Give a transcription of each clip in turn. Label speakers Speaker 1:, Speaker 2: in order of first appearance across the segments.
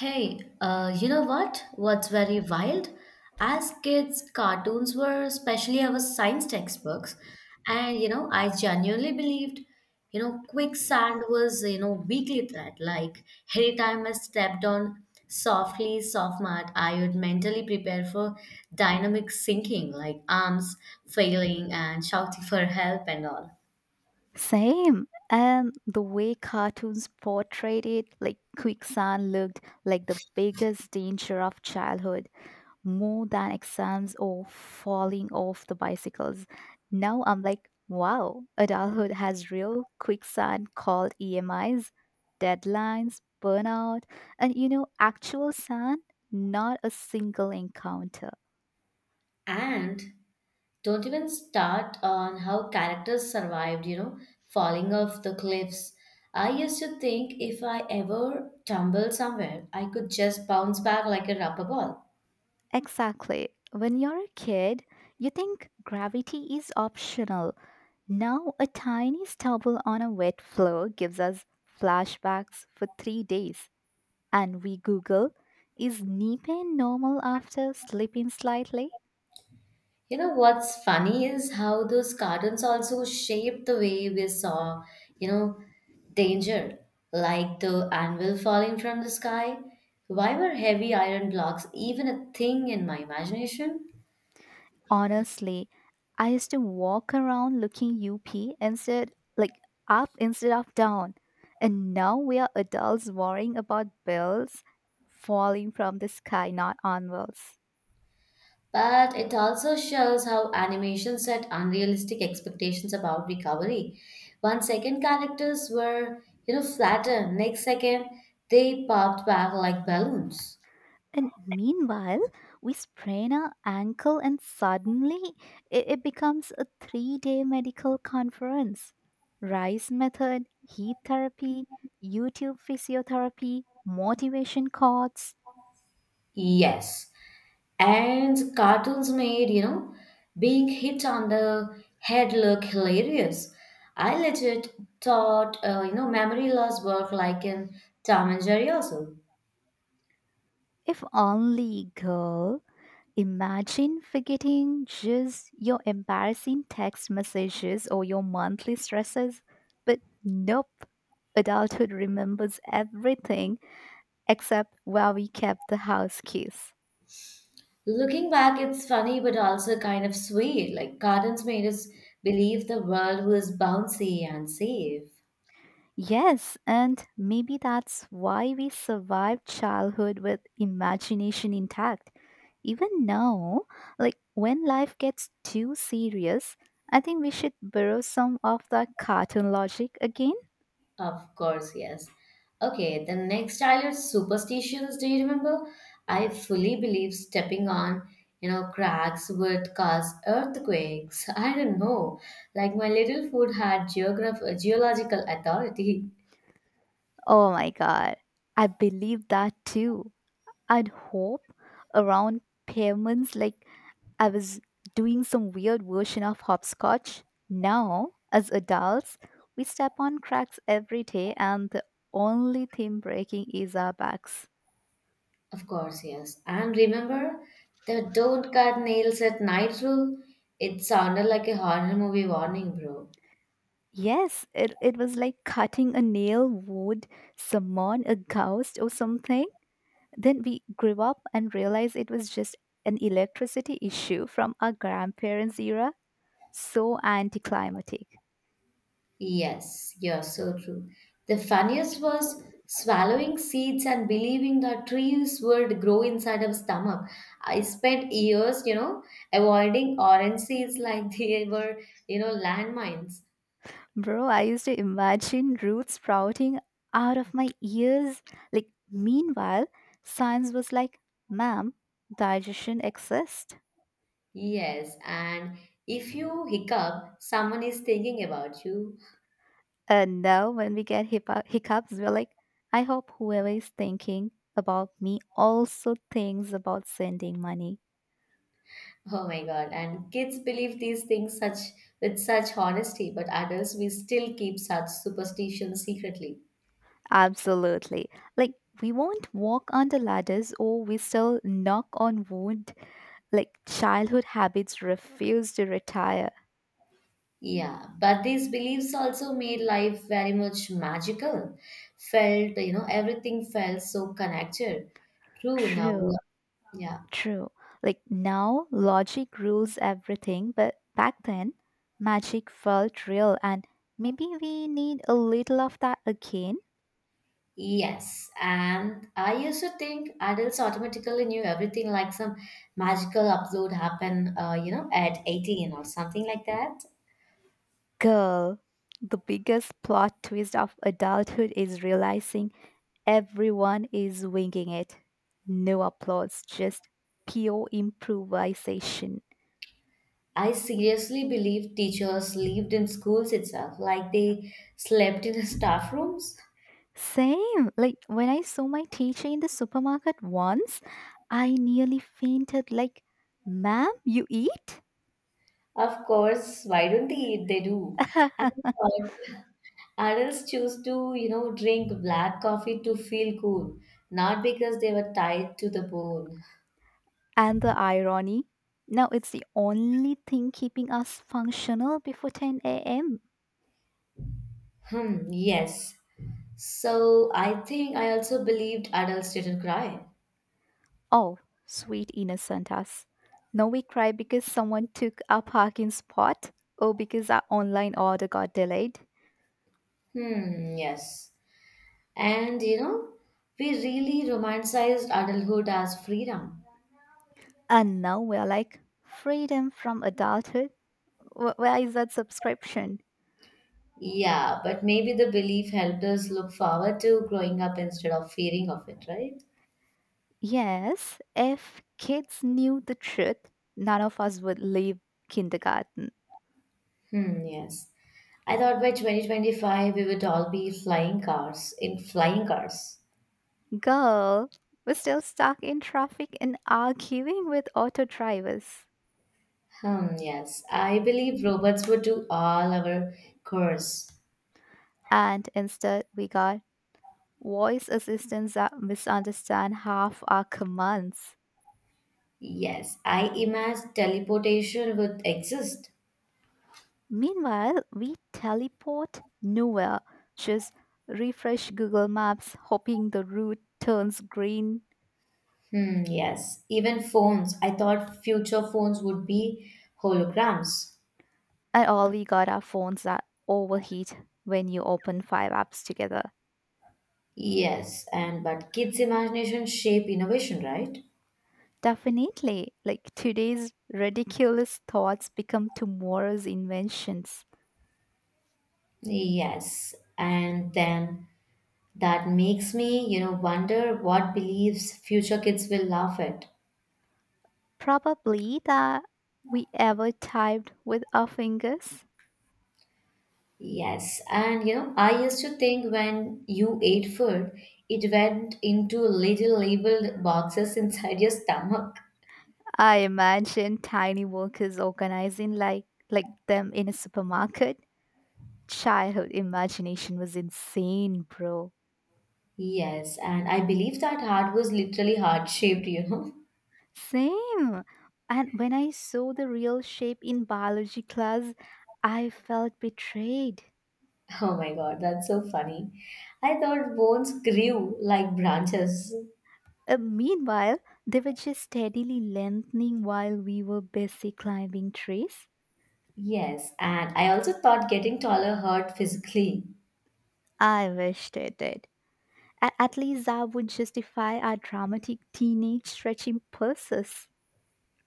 Speaker 1: Hey, you know what? What's very wild? As kids, cartoons were especially our science textbooks. I genuinely believed, quicksand was, weekly threat. Like, every time I stepped on softly soft mat, I would mentally prepare for dynamic sinking, like arms failing and shouting for help and all.
Speaker 2: Same. And the way cartoons portrayed it, like quicksand looked like the biggest danger of childhood, more than exams or falling off the bicycles. Now I'm like, wow, adulthood has real quicksand called EMIs, deadlines, burnout, and you know, actual sand, not a single encounter.
Speaker 1: And don't even start on how characters survived, falling off the cliffs. I used to think if I ever tumbled somewhere, I could just bounce back like a rubber ball.
Speaker 2: Exactly. When you're a kid, you think gravity is optional. Now, a tiny stubble on a wet floor gives us flashbacks for three days, and we Google, is knee pain normal after sleeping slightly?
Speaker 1: You know what's funny is how those cartoons also shaped the way we saw, you know, danger, like the anvil falling from the sky. Why were heavy iron blocks even a thing in my imagination?
Speaker 2: Honestly, I used to walk around looking UP instead, like up instead of down. And now we are adults worrying about bills falling from the sky, not onwards.
Speaker 1: But it also shows how animation set unrealistic expectations about recovery. 1 second characters were, flattened. Next second they popped back like balloons.
Speaker 2: And meanwhile, we sprain our ankle, and suddenly it becomes a three-day medical conference. Rice method, heat therapy, YouTube physiotherapy, motivation courts.
Speaker 1: Yes. And cartoons made, being hit on the head look hilarious. I legit thought, memory loss worked like in Tom and Jerry also.
Speaker 2: If only, girl. Imagine forgetting just your embarrassing text messages or your monthly stresses. But nope, adulthood remembers everything except where we kept the house keys.
Speaker 1: Looking back, it's funny but also kind of sweet. Like gardens made us believe the world was bouncy and safe.
Speaker 2: Yes, and maybe that's why we survived childhood with imagination intact. Even now, like when life gets too serious, I think we should borrow some of the cartoon logic again.
Speaker 1: Of course, yes. Okay, the next childhood superstitions, do you remember? I fully believe stepping on, cracks would cause earthquakes. I don't know. Like my little foot had geological authority.
Speaker 2: Oh my god, I believe that too. I'd hope around payments like I was doing some weird version of hopscotch. Now, as adults, we step on cracks every day, and the only thing breaking is our backs.
Speaker 1: Of course, yes. And remember the don't cut nails at night rule? It sounded like a horror movie warning, bro.
Speaker 2: Yes, it was like cutting a nail, wood, someone, a ghost, or something. Then we grew up and realized it was just an electricity issue from our grandparents' era. So anticlimactic.
Speaker 1: Yes, you're so true. The funniest was swallowing seeds and believing that trees would grow inside our stomach. I spent years, avoiding orange seeds like they were, landmines.
Speaker 2: Bro, I used to imagine roots sprouting out of my ears. Like, meanwhile, science was like, ma'am, digestion exists.
Speaker 1: Yes, and if you hiccup, someone is thinking about you.
Speaker 2: And now, when we get hiccups, we're like, I hope whoever is thinking about me also thinks about sending money.
Speaker 1: Oh my God. And kids believe these things such with such honesty, but adults we still keep such superstitions secretly.
Speaker 2: Absolutely. Like, we won't walk under ladders or we still knock on wood. Like, childhood habits refuse to retire.
Speaker 1: Yeah, but these beliefs also made life very much magical. Felt, everything felt so connected. True, now we
Speaker 2: True.
Speaker 1: are, yeah.
Speaker 2: True. Like now, logic rules everything, but back then, magic felt real, and maybe we need a little of that again.
Speaker 1: Yes, and I used to think adults automatically knew everything, like some magical upload happened, at 18 or something like that.
Speaker 2: Girl, the biggest plot twist of adulthood is realizing everyone is winging it. No applause, just pure improvisation.
Speaker 1: I seriously believe teachers lived in schools itself, like they slept in the staff rooms.
Speaker 2: Same. Like when I saw my teacher in the supermarket once, I nearly fainted. Like, ma'am, you eat?
Speaker 1: Of course, why don't they? They do. And uh, adults choose to, drink black coffee to feel cool, not because they were tied to the bone.
Speaker 2: And the irony? Now it's the only thing keeping us functional before 10 a.m.
Speaker 1: Hmm, yes. So I think I also believed adults didn't cry.
Speaker 2: Oh, sweet innocent us. Now we cry because someone took our parking spot or because our online order got delayed.
Speaker 1: Hmm, yes. And you know, we really romanticized adulthood as freedom.
Speaker 2: And now we're like, freedom from adulthood? Where is that subscription?
Speaker 1: Yeah, but maybe the belief helped us look forward to growing up instead of fearing of it, right?
Speaker 2: Yes, if kids knew the truth, none of us would leave kindergarten.
Speaker 1: Hmm, yes. I thought by 2025 we would all be flying cars in flying cars.
Speaker 2: Girl was still stuck in traffic and arguing with auto drivers.
Speaker 1: Hmm, yes. I believe robots would do all our chores.
Speaker 2: And instead, we got voice assistants that misunderstand half our commands.
Speaker 1: Yes, I imagine teleportation would exist.
Speaker 2: Meanwhile, we teleport nowhere, just refresh Google Maps, hoping the route turns green,
Speaker 1: Hmm, yes. Even phones, I thought future phones would be holograms.
Speaker 2: and all we got are phones that overheat when you open five apps together.
Speaker 1: Yes, and but kids' imagination shape innovation, right?
Speaker 2: Definitely. Like today's ridiculous thoughts become tomorrow's inventions.
Speaker 1: Yes, and then that makes me, wonder what beliefs future kids will laugh at.
Speaker 2: Probably that we ever typed with our fingers.
Speaker 1: Yes, I used to think when you ate food, it went into little labeled boxes inside your stomach.
Speaker 2: I imagine tiny workers organizing like them in a supermarket. Childhood imagination was insane, bro.
Speaker 1: Yes, and I believe that heart was literally heart shaped,
Speaker 2: Same. And when I saw the real shape in biology class, I felt betrayed.
Speaker 1: Oh my God, that's so funny. I thought bones grew like branches.
Speaker 2: Meanwhile, they were just steadily lengthening while we were busy climbing trees.
Speaker 1: Yes, and I also thought getting taller hurt physically.
Speaker 2: I wished they did. At least that would justify our dramatic teenage stretching purses.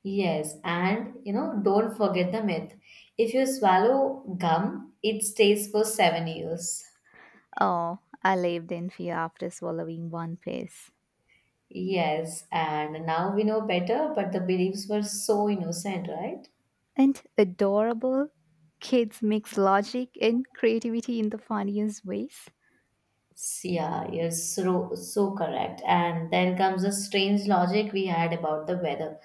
Speaker 1: Yes, don't forget the myth. If you swallow gum, it stays for 7 years.
Speaker 2: Oh, I lived in fear after swallowing one piece.
Speaker 1: Yes, and now we know better, but the beliefs were so innocent, right?
Speaker 2: And adorable kids mix logic and creativity in the funniest ways.
Speaker 1: Yeah, you're so, so correct. And then comes a strange logic we had about the weather.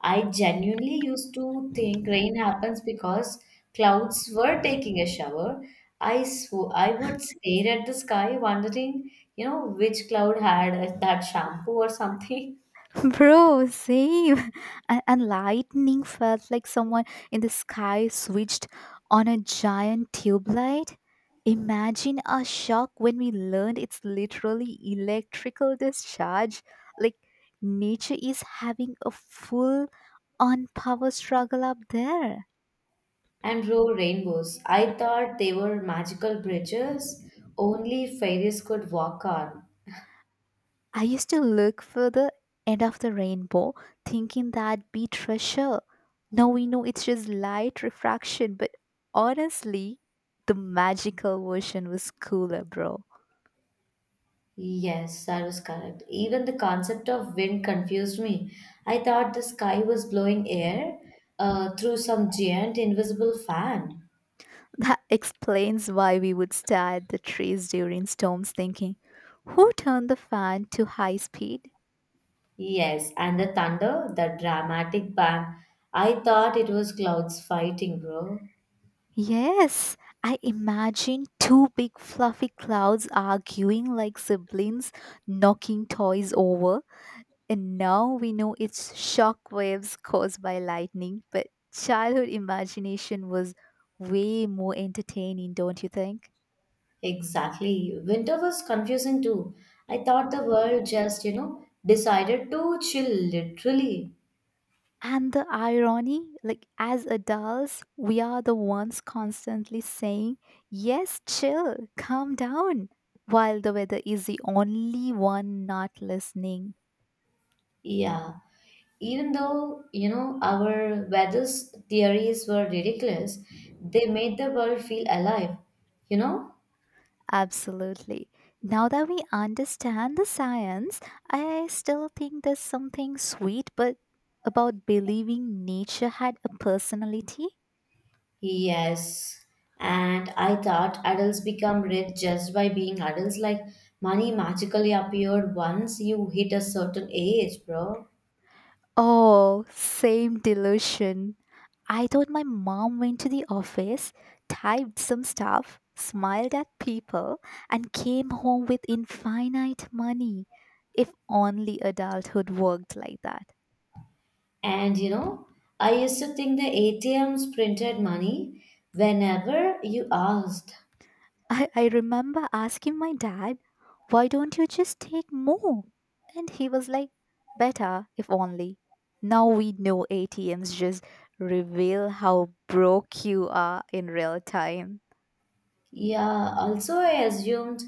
Speaker 1: I genuinely used to think rain happens because clouds were taking a shower. I would stare at the sky, wondering, which cloud had that shampoo or something,
Speaker 2: Bro, same. And lightning felt like someone in the sky switched on a giant tube light. Imagine our shock when we learned it's literally electrical discharge. Like, nature is having a full on power struggle up there.
Speaker 1: and roll rainbows. I thought they were magical bridges only fairies could walk on.
Speaker 2: I used to look for the end of the rainbow, thinking that'd be treasure. Now we know it's just light refraction, but honestly, the magical version was cooler, bro.
Speaker 1: Yes, that was correct. Even the concept of wind confused me. I thought the sky was blowing air through some giant invisible fan.
Speaker 2: That explains why we would stare at the trees during storms thinking, who turned the fan to high speed?
Speaker 1: Yes, and the thunder, the dramatic bang. I thought it was clouds fighting, bro.
Speaker 2: Yes, I imagine two big fluffy clouds arguing like siblings, knocking toys over. And now we know it's shock waves caused by lightning, but childhood imagination was way more entertaining, don't you think?
Speaker 1: Exactly. Winter was confusing too. I thought the world just, decided to chill literally.
Speaker 2: And the irony, like as adults, we are the ones constantly saying, yes, chill, calm down, while the weather is the only one not listening.
Speaker 1: Yeah. Even though, our weather's theories were ridiculous, they made the world feel alive, you know?
Speaker 2: Absolutely. Now that we understand the science, I still think there's something sweet but about believing nature had a personality.
Speaker 1: Yes. And I thought adults become rich just by being adults. Like money magically appeared once you hit a certain age, bro.
Speaker 2: Oh, same delusion. I thought my mom went to the office, typed some stuff, smiled at people, and came home with infinite money. If only adulthood worked like that.
Speaker 1: And you know, I used to think the ATMs printed money whenever you asked.
Speaker 2: I remember asking my dad, why don't you just take more? And he was like, better if only. Now we know ATMs just reveal how broke you are in real time.
Speaker 1: Yeah, also I assumed,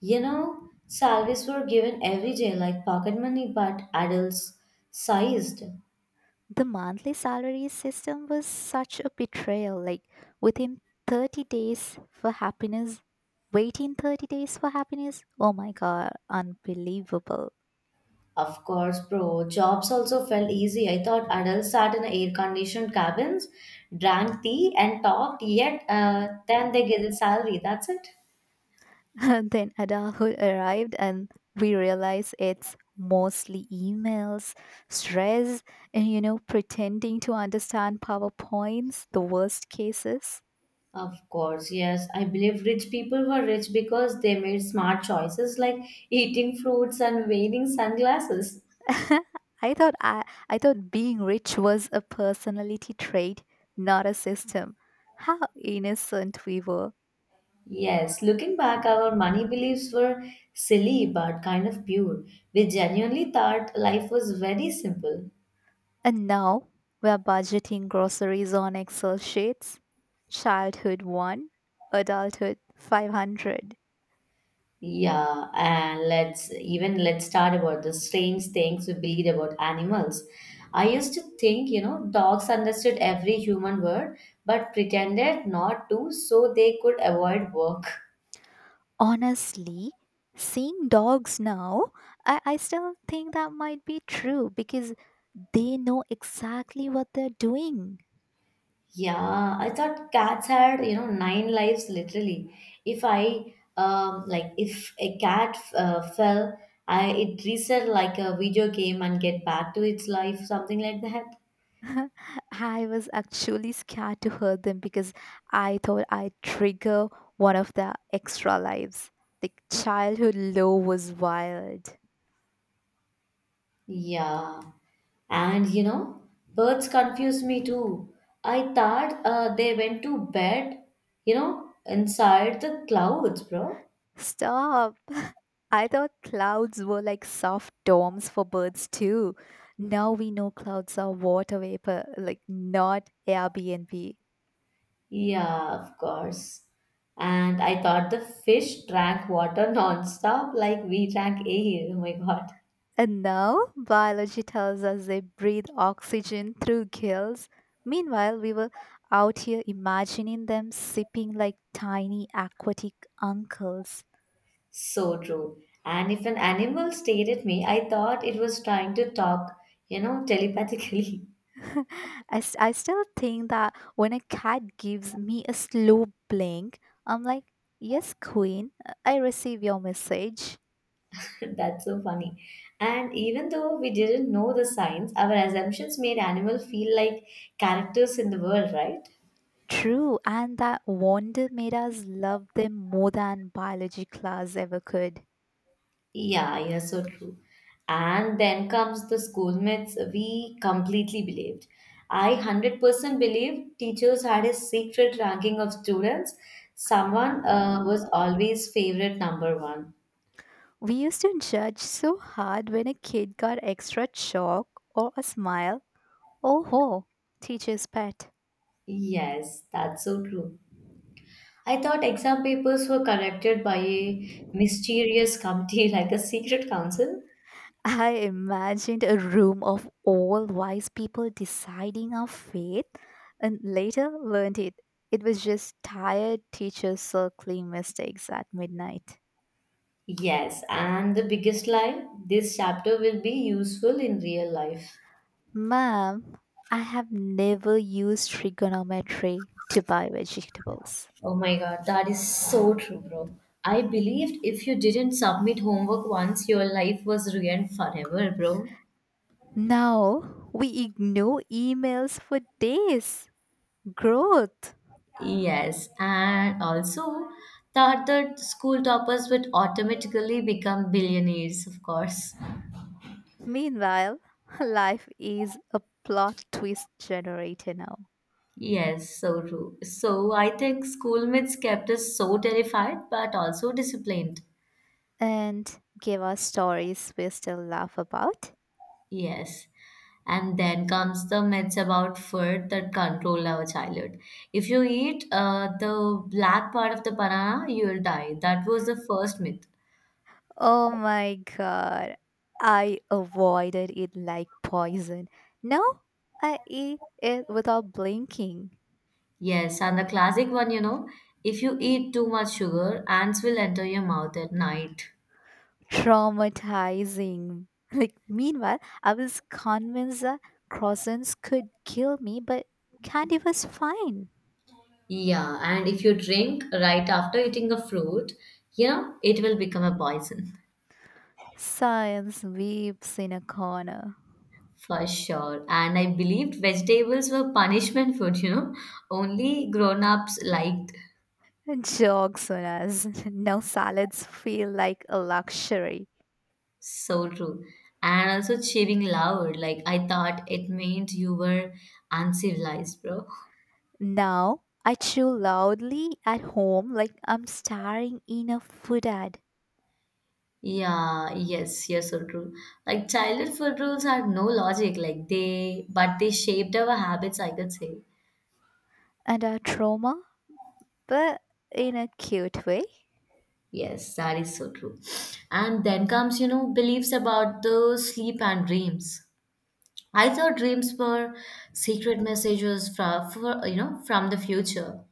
Speaker 1: you know, salaries were given every day like pocket money, but adults sized.
Speaker 2: The monthly salary system was such a betrayal. Like within 30 days for happiness, waiting 30 days for happiness. Oh my god, unbelievable.
Speaker 1: Of course, bro, jobs also felt easy. I thought adults sat in air conditioned cabins, drank tea, and talked, yet then they get a salary. That's it.
Speaker 2: Then adulthood arrived, and we realize it's mostly emails, stress, and you know, pretending to understand PowerPoints, the worst cases.
Speaker 1: Of course, yes. I believe rich people were rich because they made smart choices like eating fruits and wearing sunglasses.
Speaker 2: I thought I, I thought being rich was a personality trait, not a system. How innocent we were.
Speaker 1: Yes, looking back, our money beliefs were silly but kind of pure. We genuinely thought life was very simple.
Speaker 2: And now we're budgeting groceries on Excel sheets. Childhood 1, adulthood 500.
Speaker 1: Yeah, and let's start about the strange things we believed about animals. I used to think, dogs understood every human word but pretended not to so they could avoid work.
Speaker 2: Honestly, seeing dogs now, I still think that might be true because they know exactly what they're doing.
Speaker 1: Yeah, I thought cats had, nine lives literally. If I, like, if a cat fell, I it reset like a video game and get back to its life, something like that.
Speaker 2: I was actually scared to hurt them because I thought I'd trigger one of their extra lives. The childhood low was wild.
Speaker 1: Yeah, and you know, birds confuse me too. I thought they went to bed, inside the clouds, bro.
Speaker 2: Stop! I thought clouds were like soft domes for birds too. Now we know clouds are water vapor, like not Airbnb.
Speaker 1: Yeah, of course. And I thought the fish drank water nonstop like we drank air. Oh my God,
Speaker 2: And now biology tells us they breathe oxygen through gills. Meanwhile, we were out here imagining them sipping like tiny aquatic uncles.
Speaker 1: so true. And if an animal stared at me, I thought it was trying to talk, telepathically.
Speaker 2: I, I still think that when a cat gives me a slow blink, I'm like, yes, queen, I receive your message.
Speaker 1: That's so funny. And even though we didn't know the signs, our assumptions made animal feel like characters in the world, right?
Speaker 2: True, and that wonder made us love them more than biology class ever could.
Speaker 1: Yeah, yeah, so true. And then comes the schoolmates we completely believed. I 100% believed teachers had a secret ranking of students. Someone was always favorite number one.
Speaker 2: We used to judge so hard when a kid got extra chalk or a smile. Oh ho, teacher's pet.
Speaker 1: Yes, that's so true. I thought exam papers were corrected by a mysterious committee like a secret council.
Speaker 2: I imagined a room of all wise people deciding our fate and later learned it. It was just tired teachers circling mistakes at midnight.
Speaker 1: Yes, and the biggest lie this chapter will be useful in real life.
Speaker 2: Ma'am, I have never used trigonometry to buy vegetables.
Speaker 1: Oh my God, that is so true, bro. I believed if you didn't submit homework once, your life was ruined forever, bro.
Speaker 2: Now we ignore emails for days. Growth.
Speaker 1: Yes, and also thought that the school toppers would automatically become billionaires, of course.
Speaker 2: Meanwhile, life is a plot twist generator now
Speaker 1: Yes, so true. So I think school myths kept us so terrified but also disciplined.
Speaker 2: and give us stories we still laugh about.
Speaker 1: Yes. And then comes the myths about food that control our childhood. If you eat the black part of the banana, you will die. That was the first myth.
Speaker 2: Oh my god, I avoided it like poison. Now I eat it without blinking.
Speaker 1: Yes. And the classic one, if you eat too much sugar, ants will enter your mouth at night.
Speaker 2: Traumatizing. Like, meanwhile, I was convinced that croissants could kill me, but candy was fine.
Speaker 1: Yeah. And if you drink right after eating a fruit, it will become a poison.
Speaker 2: Science weeps in a corner.
Speaker 1: For sure. And I believed vegetables were punishment food, only grown ups liked.
Speaker 2: Jog, Sonas. Now salads feel like a luxury.
Speaker 1: So true. And also cheering loud. Like I thought it meant you were uncivilized, bro.
Speaker 2: Now I chew loudly at home like I'm starring in a food ad.
Speaker 1: Yeah, yes, yes, so true. Like childhood food rules had no logic, like they shaped our habits, I could say.
Speaker 2: And a trauma, but in a cute way.
Speaker 1: Yes, that is so true. And then comes beliefs about the sleep and dreams. I thought dreams were secret messages from, for, from the future.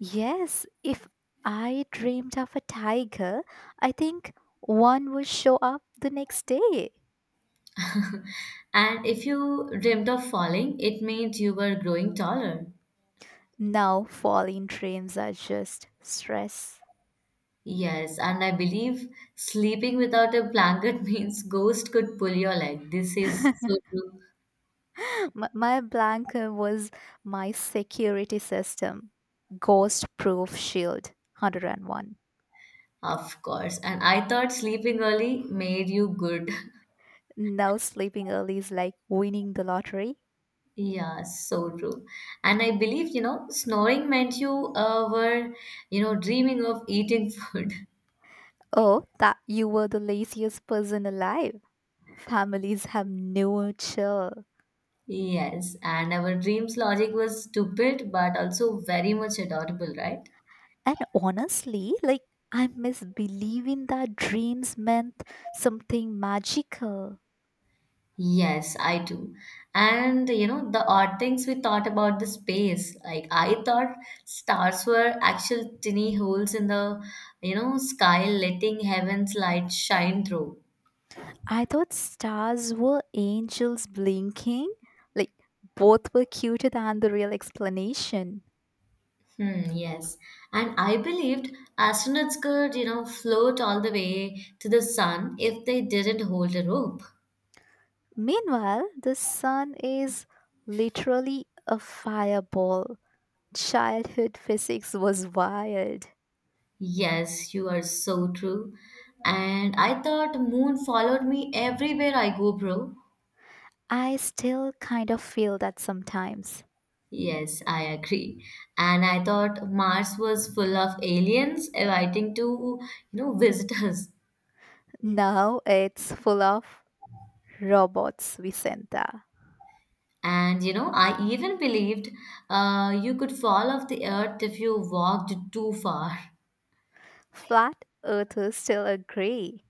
Speaker 2: Yes, if I dreamed of a tiger, I think one would show up the next day.
Speaker 1: And if you dreamt of falling, it meant you were growing taller.
Speaker 2: Now falling dreams are just stress.
Speaker 1: Yes, and I believe sleeping without a blanket means ghost could pull your leg. This is so true,
Speaker 2: My blanket was my security system, ghost proof shield 101.
Speaker 1: of course. And I thought sleeping early made you good.
Speaker 2: Now sleeping early is like winning the lottery.
Speaker 1: Yeah, so true. And I believe, snoring meant you were dreaming of eating food.
Speaker 2: Oh, that you were the laziest person alive. Families have no chill.
Speaker 1: Yes, and our dreams logic was stupid, but also very much adorable, right?
Speaker 2: And honestly, like I miss believing that dreams meant something magical.
Speaker 1: Yes, I do. And the odd things we thought about the space. Like I thought stars were actual tiny holes in the, sky letting heaven's light shine through.
Speaker 2: I thought stars were angels blinking, like both were cuter than the real explanation.
Speaker 1: Hmm, yes. And I believed astronauts could, float all the way to the sun if they didn't hold a rope.
Speaker 2: Meanwhile, the sun is literally a fireball. Childhood physics was wild.
Speaker 1: Yes, you are so true. And I thought moon followed me everywhere I go, bro.
Speaker 2: I still kind of feel that sometimes.
Speaker 1: Yes, I agree. And I thought Mars was full of aliens waiting to, visit us.
Speaker 2: Now it's full of robots, Vicenta.
Speaker 1: And I even believed you could fall off the Earth if you walked too far.
Speaker 2: Flat earthers still agree.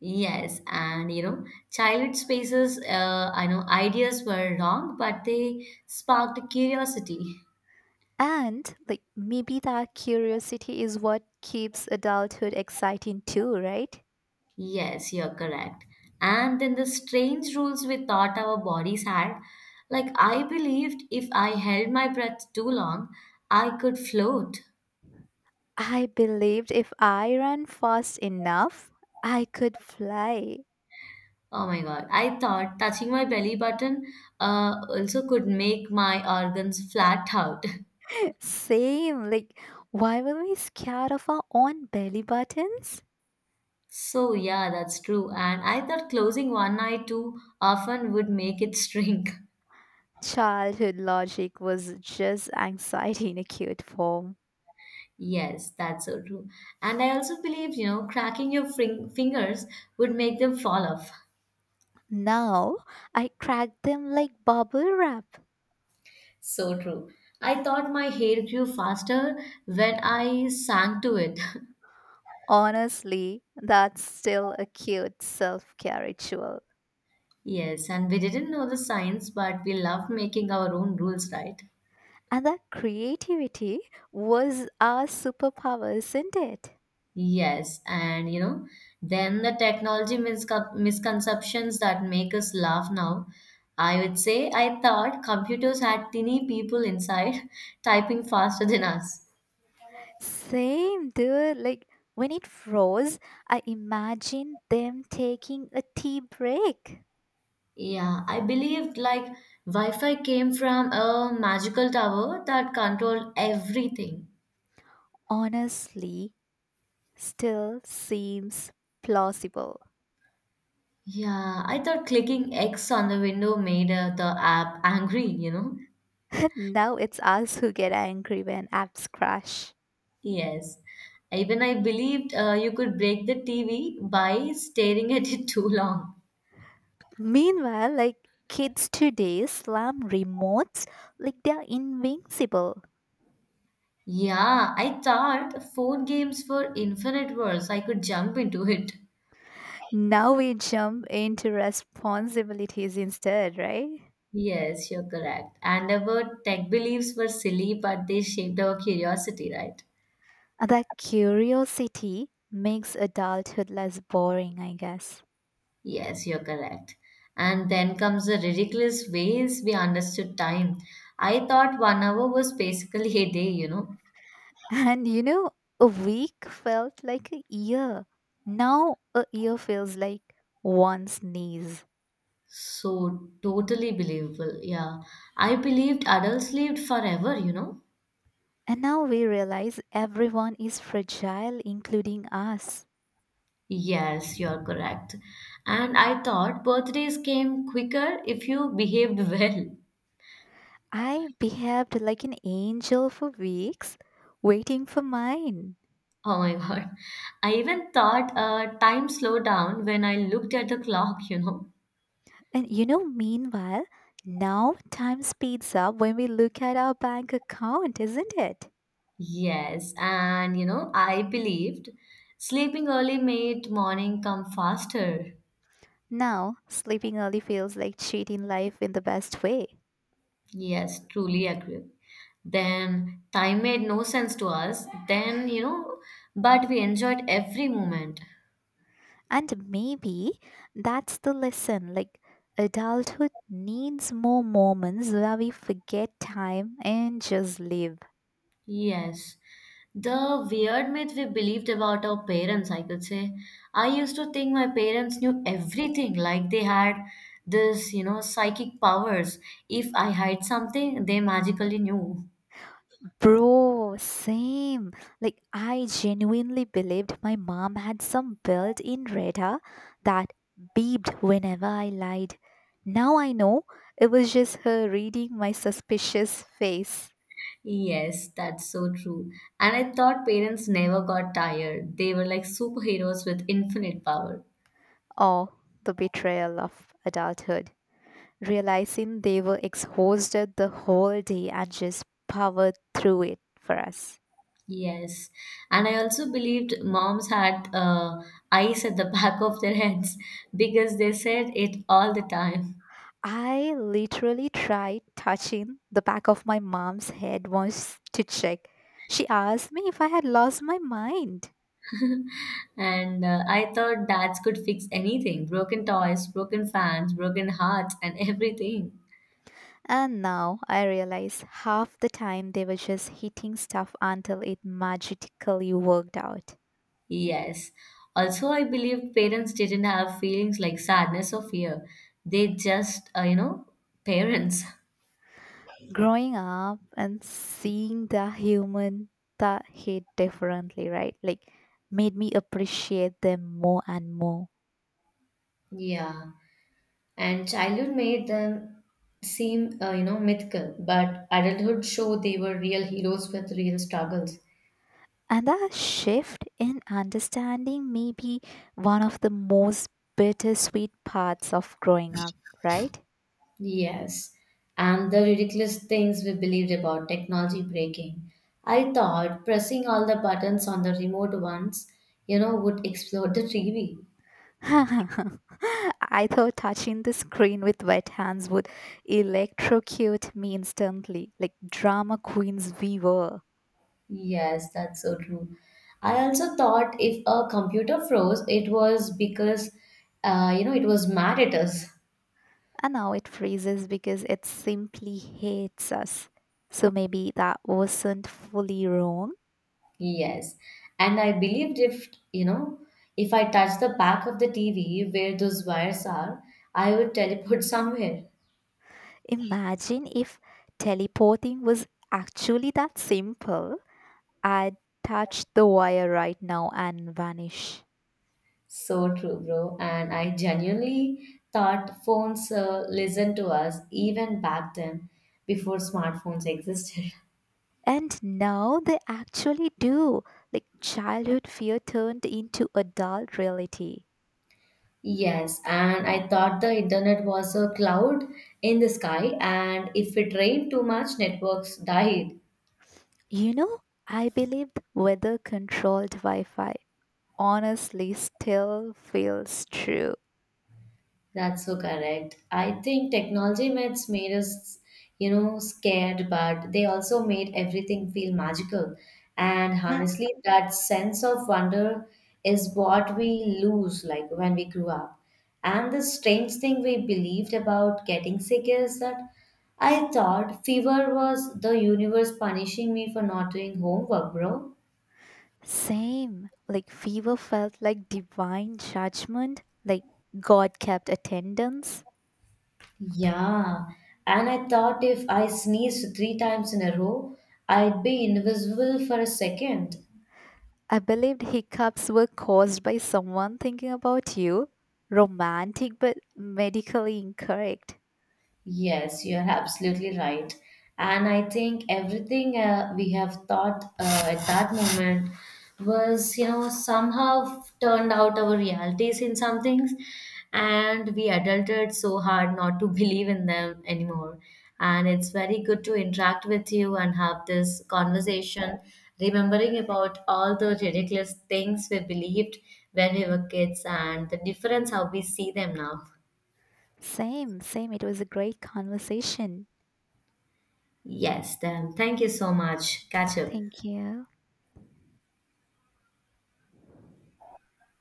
Speaker 1: Yes, childhood spaces, I know ideas were wrong, but they sparked curiosity.
Speaker 2: And, like, maybe that curiosity is what keeps adulthood exciting too, right?
Speaker 1: Yes, you're correct. And then the strange rules we thought our bodies had. Like, I believed if I held my breath too long, I could float.
Speaker 2: I believed if I ran fast enough, I could fly.
Speaker 1: Oh my God. I thought touching my belly button also could make my organs flat out.
Speaker 2: Same. Like, why were we scared of our own belly buttons?
Speaker 1: So, yeah, that's true. And I thought closing one eye too often would make it shrink.
Speaker 2: Childhood logic was just anxiety in a cute form.
Speaker 1: Yes, that's so true. And I also believed, cracking your fingers would make them fall off.
Speaker 2: Now, I crack them like bubble wrap.
Speaker 1: So true. I thought my hair grew faster when I sang to it.
Speaker 2: Honestly, that's still a cute self care ritual.
Speaker 1: Yes, and we didn't know the science, but we loved making our own rules, right?
Speaker 2: And that creativity was our superpower, isn't it?
Speaker 1: Yes, and then the technology misconceptions that make us laugh now. I would say I thought computers had tiny people inside typing faster than us.
Speaker 2: Same, dude. Like, when it froze, I imagined them taking a tea break.
Speaker 1: Yeah, I believed like Wi Fi came from a magical tower that controlled everything.
Speaker 2: Honestly still seems plausible.
Speaker 1: Yeah, I thought clicking X on the window made the app angry, you know?
Speaker 2: Now it's us who get angry when apps crash.
Speaker 1: Yes. Even I believed you could break the TV by staring at it too long.
Speaker 2: Meanwhile, like kids today slam remotes like they're invincible.
Speaker 1: Yeah, I thought phone games were infinite worlds. I could jump into it.
Speaker 2: Now we jump into responsibilities instead, right?
Speaker 1: Yes, you're correct. And our tech beliefs were silly, but they shaped our curiosity, right?
Speaker 2: That curiosity makes adulthood less boring, I guess.
Speaker 1: Yes, you're correct. And then comes the ridiculous ways we understood time. I thought 1 hour was basically a day.
Speaker 2: And you know, a week felt like a year. Now a year feels like one sneeze.
Speaker 1: So totally believable. Yeah. I believed adults lived forever.
Speaker 2: And now we realize everyone is fragile, including us.
Speaker 1: Yes, you're correct. And I thought birthdays came quicker if you behaved well.
Speaker 2: I behaved like an angel for weeks, waiting for mine.
Speaker 1: Oh my God. I even thought time slowed down when I looked at the clock.
Speaker 2: And you know, meanwhile, now time speeds up when we look at our bank account, isn't it?
Speaker 1: Yes, and I believed sleeping early made morning come faster.
Speaker 2: Now, sleeping early feels like cheating life in the best way.
Speaker 1: Yes, truly agree. Then time made no sense to us. But we enjoyed every moment.
Speaker 2: And maybe that's the lesson. Like, adulthood needs more moments where we forget time and just live.
Speaker 1: Yes. The weird myth we believed about our parents, I could say. I used to think my parents knew everything, like they had psychic powers. If I hide something, they magically knew.
Speaker 2: Bro, same. Like, I genuinely believed my mom had some built in radar that beeped whenever I lied. Now I know it was just her reading my suspicious face.
Speaker 1: Yes, that's so true. And I thought parents never got tired. They were like superheroes with infinite power.
Speaker 2: Or the betrayal of adulthood. Realizing they were exhausted the whole day and just powered through it for us.
Speaker 1: Yes. And I also believed moms had eyes at the back of their heads because they said it all the time.
Speaker 2: I literally tried touching the back of my mom's head once to check. She asked me if I had lost my mind.
Speaker 1: And I thought dads could fix anything broken toys, broken fans, broken hearts, and everything.
Speaker 2: And now I realize half the time they were just hitting stuff until it magically worked out.
Speaker 1: Yes. Also, I believed parents didn't have feelings like sadness or fear. They just, you know, parents.
Speaker 2: Growing up and seeing the human that hit differently, right? Like made me appreciate them more and more.
Speaker 1: Yeah, and childhood made them seem mythical, but adulthood showed they were real heroes with real struggles.
Speaker 2: And that shift in understanding may be one of the most bittersweet parts of growing up, right?
Speaker 1: Yes, and the ridiculous things we believed about technology breaking. I thought pressing all the buttons on the remote once would explode the TV.
Speaker 2: I thought touching the screen with wet hands would electrocute me instantly, like drama queens we were.
Speaker 1: Yes, that's so true. I also thought if a computer froze, it was because it was mad at us.
Speaker 2: And now it freezes because it simply hates us. So maybe that wasn't fully wrong.
Speaker 1: Yes. And I believed if, you know, if I touched the back of the TV where those wires are, I would teleport somewhere.
Speaker 2: Imagine if teleporting was actually that simple. I'd touch the wire right now and vanish.
Speaker 1: So true, bro. And I genuinely thought phones listened to us even back then before smartphones existed.
Speaker 2: And now they actually do. Like childhood fear turned into adult reality.
Speaker 1: Yes, and I thought the internet was a cloud in the sky, and if it rained too much, networks died.
Speaker 2: You know, I believed weather controlled Wi Fi, honestly still feels true.
Speaker 1: That's so correct. I think technology myths made us scared, but they also made everything feel magical. And
Speaker 2: I.
Speaker 1: honestly, that sense of wonder is what we lose like when we grew up. And the strange thing we believed about getting sick is that I thought fever was the universe punishing me for not doing homework, bro.
Speaker 2: Same. Like fever felt like divine judgment, like God kept attendance.
Speaker 1: Yeah, and I thought if I sneezed 3 times in a row, I'd be invisible for a second.
Speaker 2: I believed hiccups were caused by someone thinking about you. Romantic but medically incorrect.
Speaker 1: Yes, you're absolutely right. And I think everything we have thought at that moment was somehow turned out our realities in some things. And we adulted so hard not to believe in them anymore. And it's very good to interact with you and have this conversation, remembering about all the ridiculous things we believed when we were kids and the difference how we see them now.
Speaker 2: Same, same. It was a great conversation.
Speaker 1: Yes, then thank you so much. Catch up.
Speaker 2: Thank you.